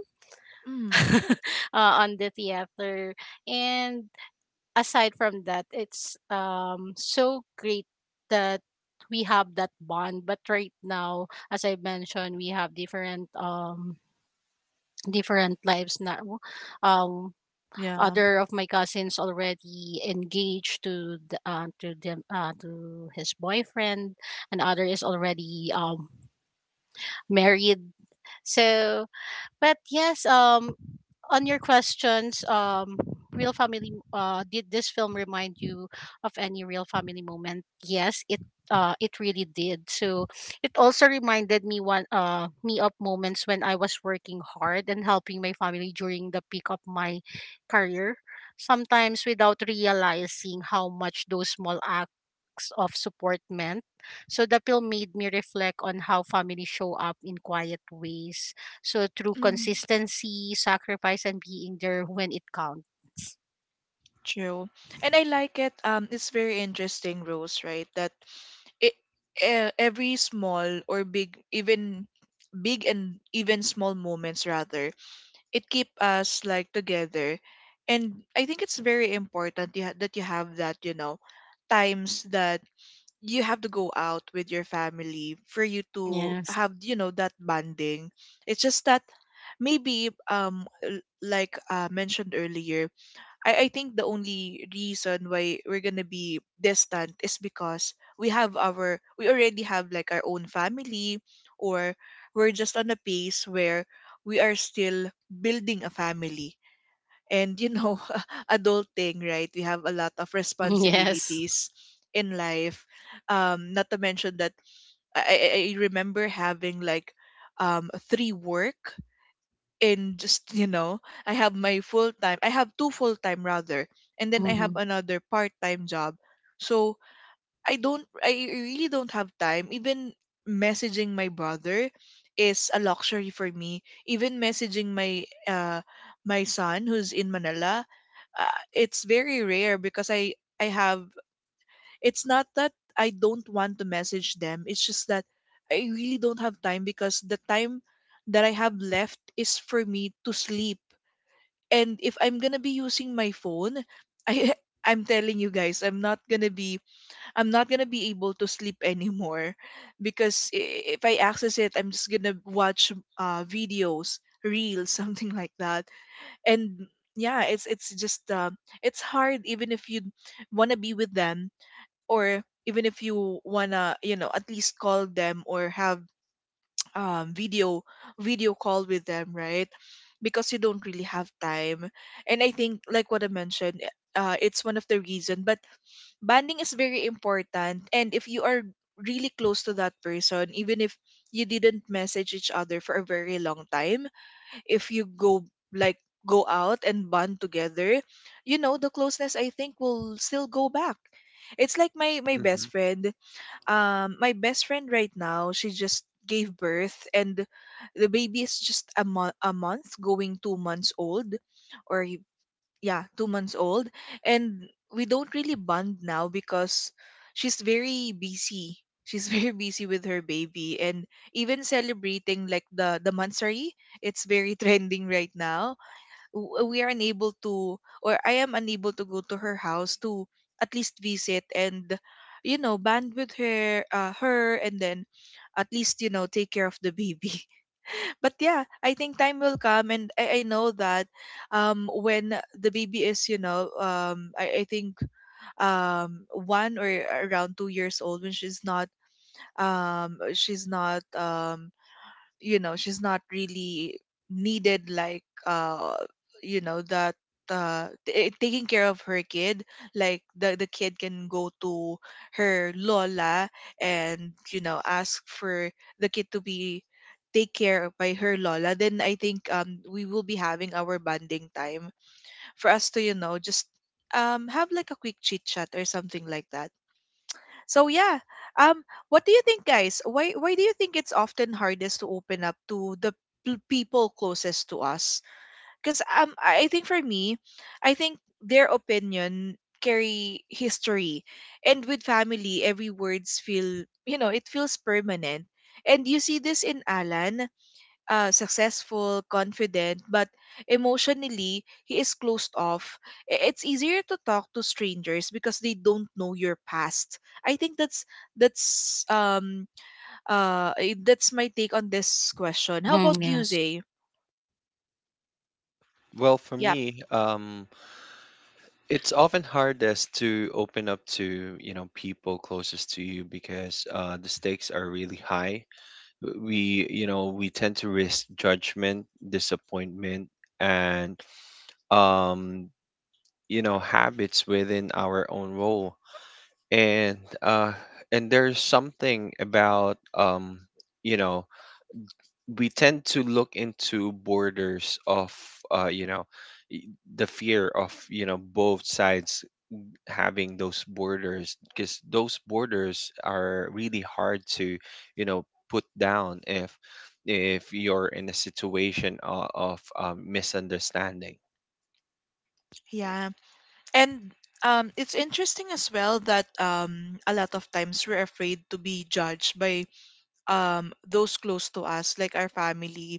S1: mm,
S3: uh, on the theater. And aside from that, it's um so great that we have that bond. But right now, as I mentioned, we have different um different lives now. Um,
S1: yeah.
S3: other of my cousins already engaged to the, uh, to them uh, to his boyfriend, and other is already um married. So, but yes, um, on your questions, um, real family. Uh, did this film remind you of any real family moment? Yes, it. Uh, it really did. So it also reminded me one uh me of moments when I was working hard and helping my family during the peak of my career. Sometimes without realizing how much those small acts of support meant. So the film made me reflect on how families show up in quiet ways, so through
S1: Mm-hmm.
S3: consistency, sacrifice, and being there when it counts.
S1: True. And I like it. Um, it's very interesting, Rose, right? That it, uh, every small or big, even big and even small moments, rather, it keep us like together. And I think it's very important you ha- that you have that, you know, times that you have to go out with your family for you to
S3: Yes.
S1: have, you know, that bonding. It's just that, maybe, um l- like, uh, mentioned earlier, I, I think the only reason why we're gonna be distant is because we have our we already have like our own family, or we're just on a pace where we are still building a family, and you know adulting, right, we have a lot of
S3: Yes.
S1: responsibilities in life. Um not to mention that i, I I remember having like, um three work, in just, you know I have my full time, I have two full time, rather, and then I have
S3: Mm-hmm.
S1: another part time job. So i don't i really don't have time. Even messaging my brother is a luxury for me, even messaging my, uh my son who's in Manila, uh, it's very rare, because, I I have it's not that I don't want to message them. It's just that I really don't have time, because the time that I have left is for me to sleep. And if I'm going to be using my phone, I I'm telling you guys, I'm not going to be I'm not going to be able to sleep anymore because i- if I access it, I'm just going to watch uh videos, reels, something like that. And yeah, it's it's just, uh, it's hard even if you want to be with them, or even if you wanna, you know at least call them or have um video video call with them, right? Because you don't really have time. And I think, like what I mentioned, uh, it's one of the reason. But bonding is very important, and if you are really close to that person, even if you didn't message each other for a very long time, if you go, like, go out and bond together, you know the closeness, I think, will still go back. It's like my my
S2: Hmm.
S1: best friend, um my best friend right now, she just gave birth, and the baby is just a, mo- a month going two months old, or y- yeah, two months old. And we don't really bond now, because she's very busy. She's very busy with her baby, and even celebrating, like the the mansari, it's very trending right now. W- we are unable to, or I am unable to go to her house to at least visit and, you know band with her uh, her, and then at least, you know take care of the baby. But yeah, I think time will come, and I, I know that, um when the baby is, you know um I, I think, um one or around two years old, when she's not um she's not um you know she's not really needed, like, uh you know, that uh t- taking care of her kid, like the the kid can go to her lola, and, you know ask for the kid to be take care by her lola. Then I think, um we will be having our bonding time, for us to, you know just, um have like a quick chit chat or something like that. So yeah, um, what do you think, guys? Why why do you think it's often hardest to open up to the p- people closest to us? Because, um, I I think for me, I think their opinion carry history, and with family, every words feel, you know it feels permanent. And you see this in Alan, uh, successful, confident, but emotionally, he is closed off. I- It's easier to talk to strangers, because they don't know your past. I think that's that's um uh eh, that's my take on this question. How about
S3: Mm-hmm.
S1: you,
S3: Yes.
S1: Zay?
S2: Well, for
S1: Yeah,
S2: me, um it's often hardest to open up to, you know people closest to you, because uh the stakes are really high. W- we you know we tend to risk judgment, disappointment, and um you know habits within our own role, and uh and there's something about, um you know we tend to look into borders of, uh you know y- the fear of, you know both sides having those borders, because those borders are really hard to, you know put down, if if you're in a situation of, of um, misunderstanding.
S1: yeah, and, um, it's interesting as well that, um a lot of times we're afraid to be judged by, um those close to us, like our family,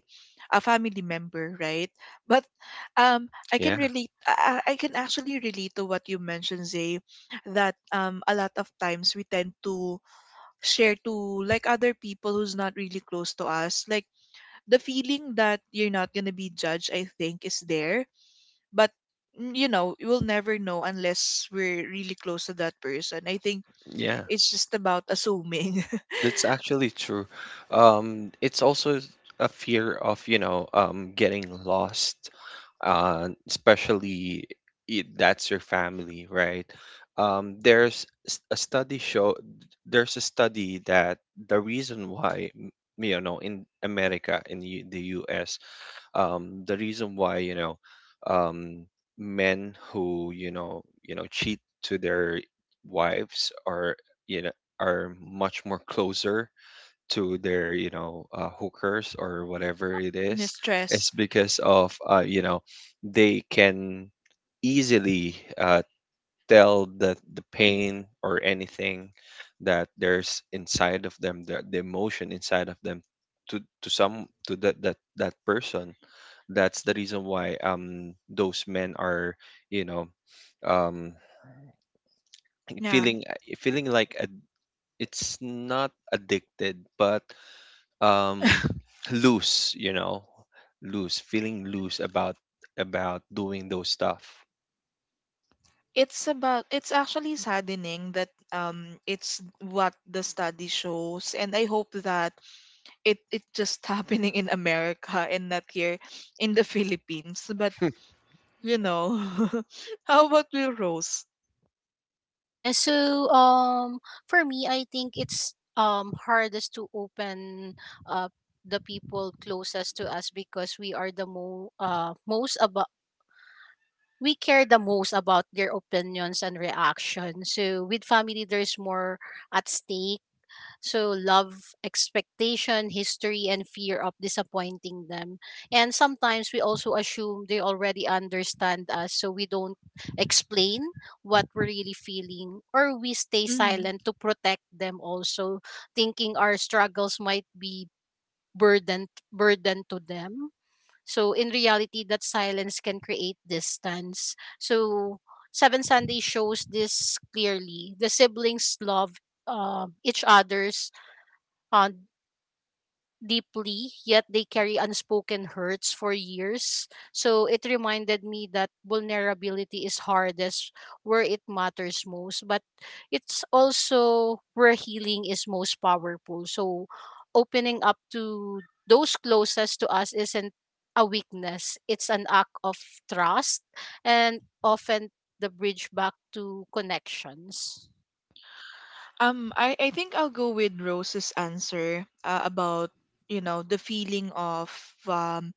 S1: a family member, right? But, um i can
S2: Yeah,
S1: relate i, I I can actually relate to what you mentioned, Zay, that, um a lot of times we tend to share to, like, other people who's not really close to us, like, the feeling that you're not going to be judged, I think, is there. But, mm, you know you will never know unless we're really close to that person, I think.
S2: yeah.
S1: It's just about assuming.
S2: That's actually true. Um, it's also a fear of, you know, um, getting lost, uh, especially, i- that's your family, right? Um, there's s- a study show, there's a study that, the reason why, m- you know, in America, in U- the U S, um, the reason why, you know um, men who, you know you know cheat to their wives are, you know are much more closer to their, you know uh, hookers or whatever it is
S1: Mistress.
S2: is because of, uh, you know they can easily, uh, tell that the pain or anything that there's inside of them, the, the emotion inside of them, to to some to that that that person. That's the reason why, um those men are, you know, um feeling feeling like a, it's not addicted, but um loose, you know, loose, feeling loose about about doing those stuff.
S1: It's about, it's actually saddening that, um it's what the study shows, and I hope that it it just happening in America and not here in the Philippines. But, you know how about you, Rose?
S3: Yeah. So um, for me, I think it's um hardest to open up the people closest to us because we are the mo uh most about, we care the most about their opinions and reactions. So with family, there's more at stake. So, love, expectation, history, and fear of disappointing them. And sometimes we also assume they already understand us, so we don't explain what we're really feeling, or we stay
S1: Mhm.
S3: silent to protect them, also thinking our struggles might be burden burden to them. So, in reality, that silence can create distance. So, Seven Sunday shows this clearly. The siblings love um each other's uh, deeply, yet they carry unspoken hurts for years. So it reminded me that vulnerability is hardest where it matters most, but it's also where healing is most powerful. So opening up to those closest to us isn't a weakness, it's an act of trust and often the bridge back to connections.
S1: um i i think I'll go with Rose's answer, uh, about, you know the feeling of, um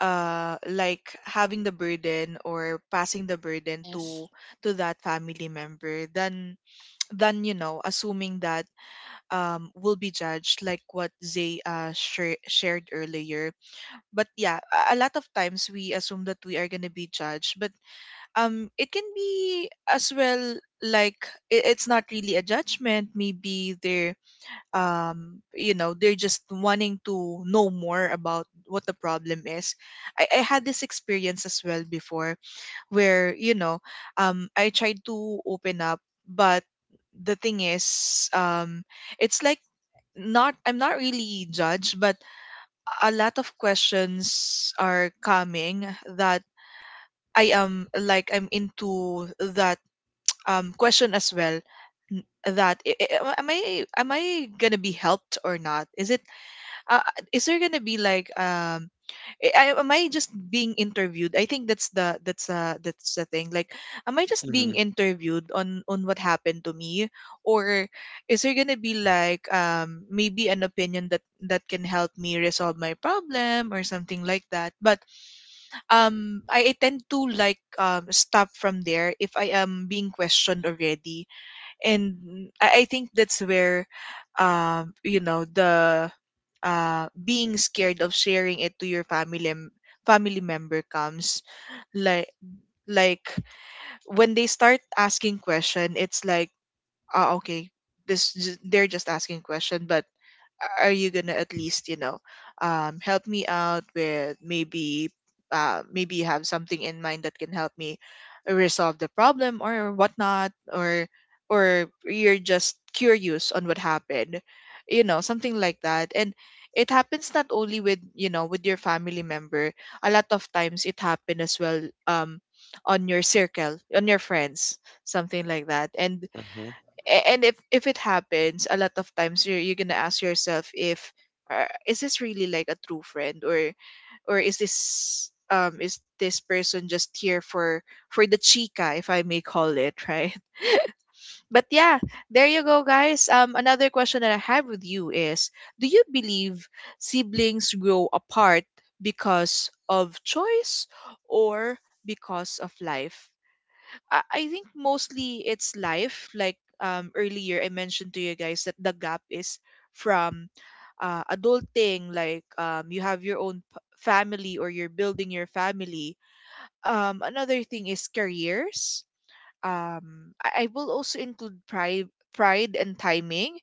S1: uh like, having the burden or passing the burden to
S3: Yes.
S1: to that family member than than, you know assuming that, um will be judged, like what Zay, uh share shared earlier. But yeah, a, a lot of times we assume that we are going to be judged, but, um it can be as well, like, it, it's not really a judgment, maybe they're, um you know, they're just wanting to know more about what the problem is. I, I had this experience as well before, where, you know um I tried to open up. But the thing is, um it's like, not, I'm not really judged, but a lot of questions are coming, that I am like, I'm into that, um question as well. N- that i- i- am i am i gonna be helped or not? is it uh, is there gonna be like, um eh, I, am I just being interviewed? I think that's the that's uh that's the thing. Like, am I just
S2: Hmm.
S1: being interviewed on on what happened to me, or is there gonna be like um maybe an opinion that that can help me resolve my problem or something like that? But um, I, I tend to like um stop from there if I am being questioned already. And I, I think that's where um you know the uh being scared of sharing it to your family mem- family member comes. Like like when they start asking question, it's like, uh, okay, this ju- they're just asking question, but are you gonna at least, you know, um, help me out with maybe, uh, maybe you have something in mind that can help me resolve the problem or whatnot, or or you're just curious on what happened, you know, something like that. And it happens not only with, you know, with your family member. A lot of times it happen as well, um on your circle, on your friends, something like that. And
S2: Hmm.
S1: a- and if if it happens a lot of times, you're, you're gonna ask yourself if, uh, is this really like a true friend, or or is this um is this person just here for for the chica, if I may call it, right? But yeah, there you go, guys. Um another question that I have with you is, do you believe siblings grow apart because of choice or because of life? I I think mostly it's life. Like, um, earlier, I mentioned to you guys that the gap is from, uh, adulting, like, um, you have your own p- family, or you're building your family. Um, another thing is careers. Um, I, I will also include pride, pride and timing.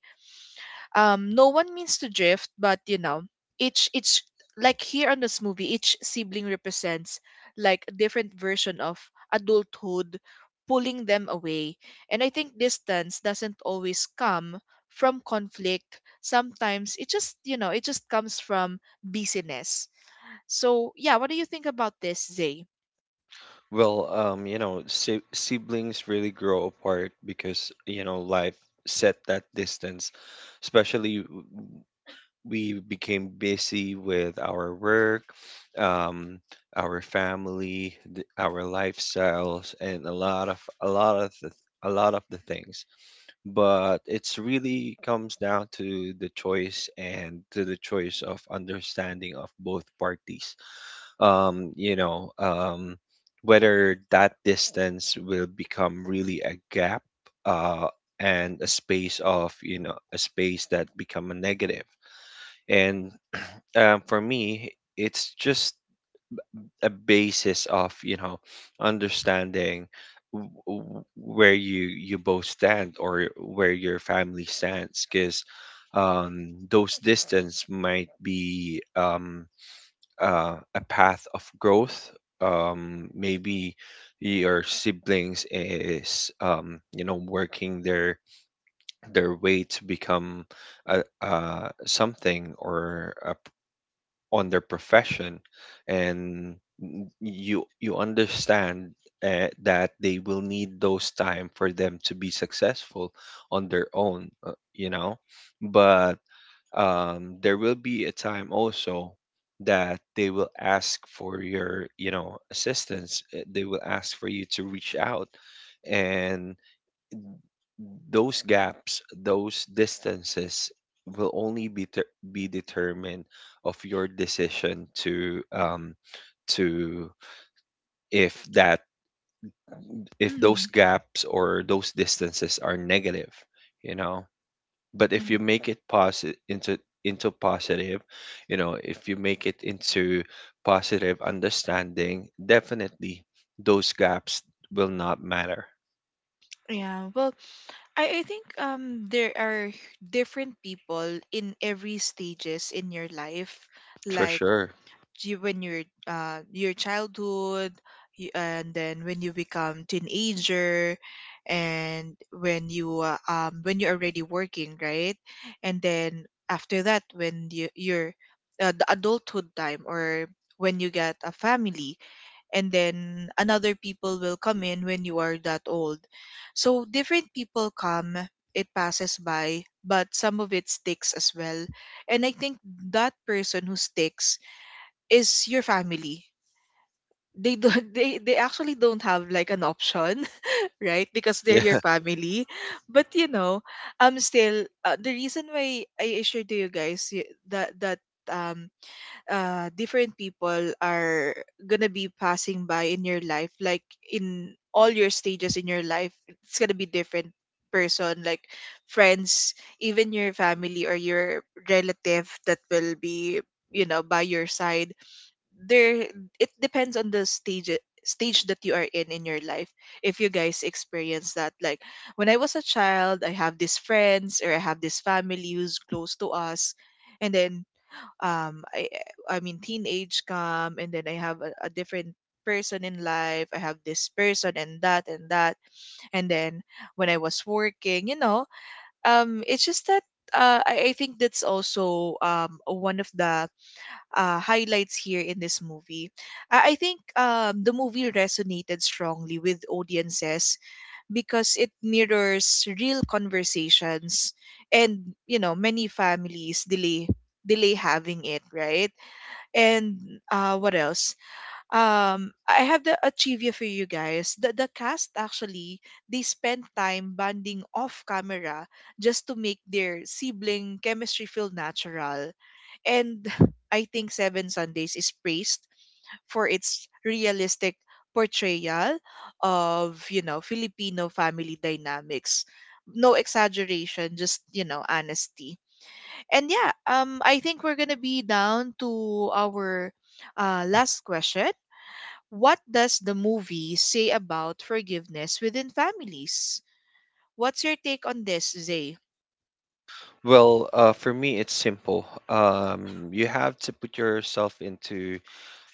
S1: um No one means to drift, but you know, each each like here on this movie, each sibling represents like a different version of adulthood pulling them away. And I think distance doesn't always come from conflict. Sometimes it just, you know, it just comes from busyness. So yeah, what do you think about this, Zay?
S2: Well, um, you know, si siblings really grow apart because, you know, life set that distance, especially, we became busy with our work, um, our family, th- our lifestyles, and a lot of a lot of the, a lot of the things. But it's really comes down to the choice and to the choice of understanding of both parties. Um, you know, um, Whether that distance will become really a gap. Uh, and a space of, you know a space that become a negative. And um, for me, it's just a basis of, you know, understanding, w- w- where you you both stand, or where your family stands, because um, those distance might be, um, uh, a path of growth. Um, maybe your siblings is, um, you know working their their way to become, a, uh, something, or a on their profession, and you you understand, uh, that they will need those time for them to be successful on their own. Uh, you know but um there will be a time also that they will ask for your, you know assistance. Uh, they will ask for you to reach out, and those gaps, those distances will only be ter- be determined of your decision to, um, to if that if those
S1: Mm.
S2: gaps or those distances are negative, you know. But if you make it positive into into positive, you know, if you make it into positive understanding, definitely those gaps will not matter.
S1: Yeah, well, I, I think um there are different people in every stages in your life,
S2: For
S1: like
S2: sure.
S1: you, when you're uh your childhood, you, and then when you become teenager, and when you uh, um when you're already working, right? And then after that, when you you're uh, the adulthood time, or when you get a family, and then another people will come in when you are that old. So different people come, it passes by, but some of it sticks as well. And I think that person who sticks is your family. They don't they, they actually don't have like an option, right? Because they're your
S2: Yeah.
S1: family. But you know, um still uh, the reason why I I shared to you guys y- that that um uh, different people are gonna be passing by in your life, like in all your stages in your life, it's gonna be different person, like friends, even your family or your relative that will be, you know, by your side. There, it depends on the stage stage that you are in in your life. If you guys experience that, like when I was a child, I have these friends, or I have this family who's close to us. And then um i i mean teenage come, and then I have a, a different person in life, I have this person and that and that. And then when I was working, you know, um it's just that, uh, I, I think that's also, um, one of the uh, highlights here in this movie. I, I think, um, the movie resonated strongly with audiences because it mirrors real conversations. And you know, many families delay delay having it, right? And uh what else? um I have the a trivia for you guys. the the cast actually, they spend time bonding off camera just to make their sibling chemistry feel natural. And I think Seven Sundays is praised for its realistic portrayal of, you know, Filipino family dynamics. No exaggeration, just, you know, honesty. And yeah, um, I think we're gonna be down to our uh, last question. What does the movie say about forgiveness within families? What's your take on this, Zay?
S2: Well, uh, for me, it's simple. Um, you have to put yourself into,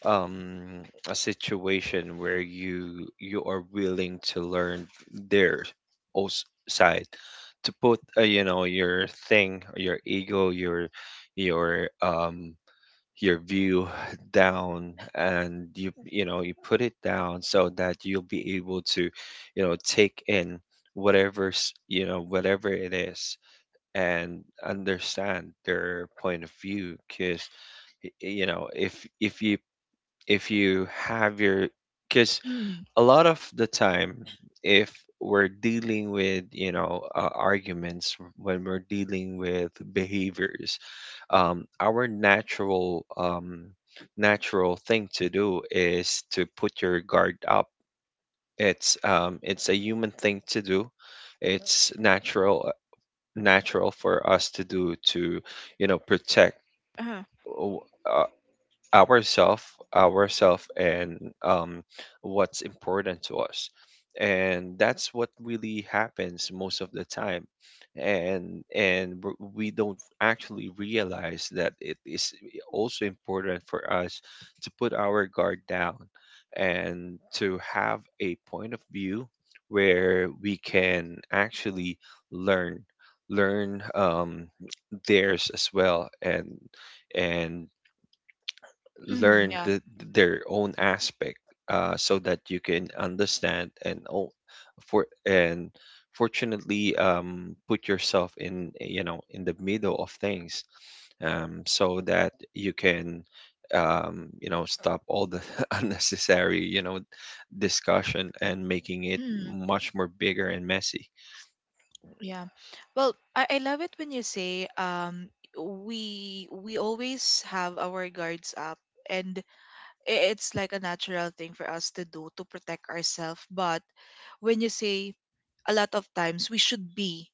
S2: um, a situation where you you are willing to learn their, os- side, to put, uh, you know your thing, your ego, your your um your view down, and you you know you put it down, so that you'll be able to, you know take in, whatever's you know whatever it is, and understand their point of view. Because you know if if you if you have your because
S1: Mm,
S2: a lot of the time, if we're dealing with, you know uh, arguments, when we're dealing with behaviors, um, our natural um, natural thing to do is to put your guard up. It's um, it's a human thing to do. It's natural natural for us to do, to, you know protect,
S1: uh-huh.
S2: uh, ourself ourself and, um, what's important to us, and that's what really happens most of the time. And and w- we don't actually realize that it is also important for us to put our guard down, and to have a point of view where we can actually learn learn, um, theirs as well, and and
S1: Mm,
S2: learn
S1: yeah.
S2: the, their own aspect, uh, so that you can understand and all for and fortunately, um, put yourself in, you know in the middle of things, um, so that you can, um, you know stop all the unnecessary, you know discussion, and making it
S1: Mm,
S2: much more bigger and messy.
S1: yeah. Well, I, I love it when you say um we we always have our guards up. And I- it's like a natural thing for us to do, to protect ourselves. But when you say a lot of times we should be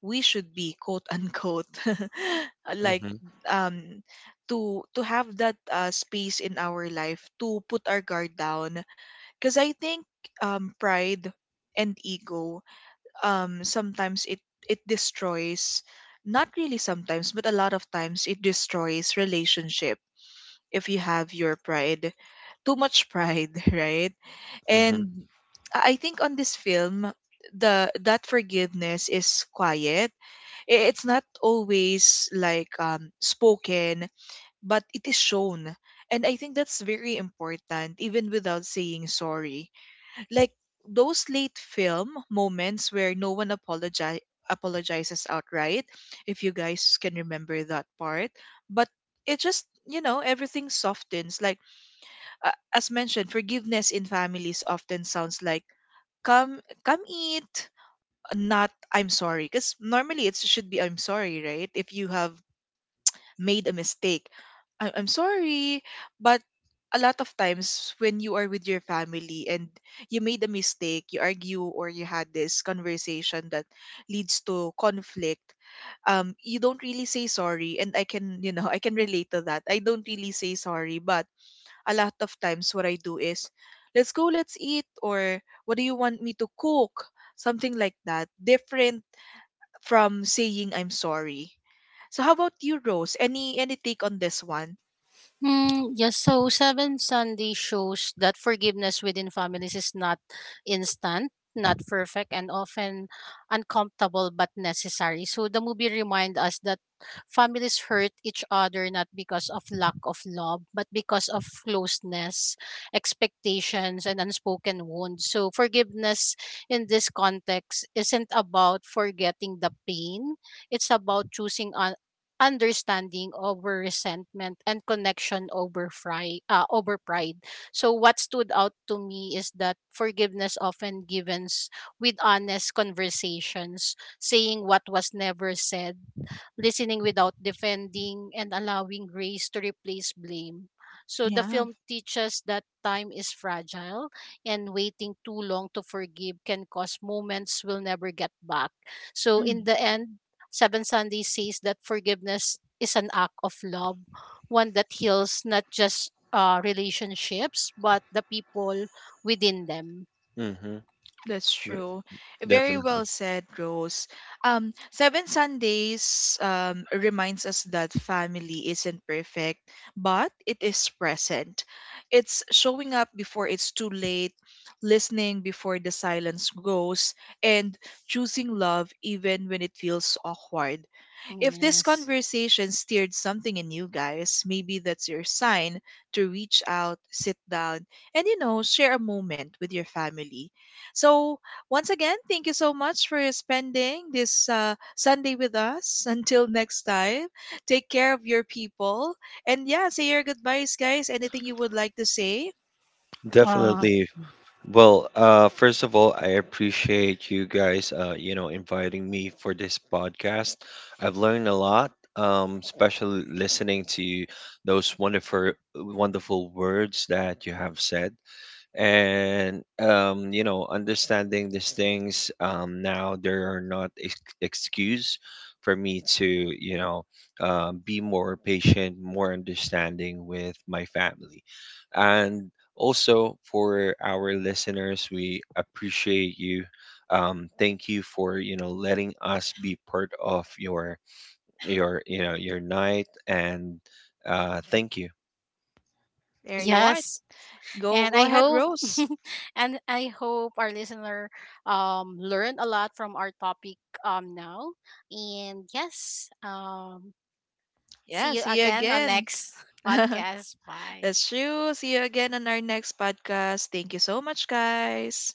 S1: we should be quote unquote like,
S2: Hmm,
S1: um to to have that uh, space in our life to put our guard down. Because I think, um pride and ego, um sometimes it it destroys, not really sometimes, but a lot of times it destroys relationship, if you have your pride, too much pride, right?
S2: hmm,
S1: and I I think on this film, the that forgiveness is quiet. I- it's not always like um spoken, but it is shown. And I think that's very important, even without saying sorry, like those late film moments where no one apologize apologizes outright, if you guys can remember that part. But it just, you know, everything softens. Like, uh, as mentioned, forgiveness in families often sounds like come come eat, not I'm sorry. Because normally it should be I'm sorry, right? If you have made a mistake, I- I'm sorry. But a lot of times when you are with your family, and you made a mistake, you argue or you had this conversation that leads to conflict, um, you don't really say sorry. And I can, you know, I can relate to that. I don't really say sorry, but a lot of times what I do is, let's go, let's eat, or what do you want me to cook? Something like that. Different from saying I'm sorry. So how about you, Rose? Any any take on this one?
S3: Hmm. Yes, so Seven Sunday shows that forgiveness within families is not instant, not perfect, and often uncomfortable but necessary. So the movie reminds us that families hurt each other not because of lack of love, but because of closeness, expectations, and unspoken wounds. So forgiveness in this context isn't about forgetting the pain, it's about choosing understanding over resentment and connection over fry, uh, over pride. So what stood out to me is that forgiveness often givens with honest conversations, saying what was never said, listening without defending, and allowing grace to replace blame. So the
S1: Yeah.
S3: film teaches that time is fragile and waiting too long to forgive can cause moments we'll never get back. So in the end, Seven Sundays says that forgiveness is an act of love, one that heals not just uh, relationships, but the people within them.
S2: hmm.
S1: That's true. Very
S2: Definitely,
S1: well said, Rose. Um, Seven Sundays um, reminds us that family isn't perfect, but it is present. It's showing up before it's too late, listening before the silence goes, and choosing love even when it feels awkward.
S3: Mm,
S1: If this
S3: yes.
S1: conversation stirred something in you guys, maybe that's your sign to reach out, sit down, and you know, share a moment with your family. So, once again, thank you so much for spending this uh, Sunday with us. Until next time, take care of your people. And yeah, say your goodbyes, guys. Anything you would like to say?
S3: Uh,
S2: definitely. Well, uh, first of all, I appreciate you guys, uh, you know, inviting me for this podcast. I've learned a lot, um, especially listening to those wonderful, wonderful words that you have said, and um, you know understanding these things. Um, now there are not ex- excuse for me to, you know um, be more patient, more understanding with my family. And also for our listeners, we appreciate you. Um, thank you for, you know letting us be part of your your you know your night, and, uh, thank you.
S1: There you are.
S3: yes.
S1: Go
S3: And
S1: go
S3: I
S1: ahead,
S3: hope
S1: Rose.
S3: and I hope our listener um learned a lot from our topic um now. And yes, um
S1: Yeah,
S3: see you
S1: see you
S3: again on
S1: again.
S3: next podcast. Bye.
S1: That's true. See you again on our next podcast. Thank you so much, guys.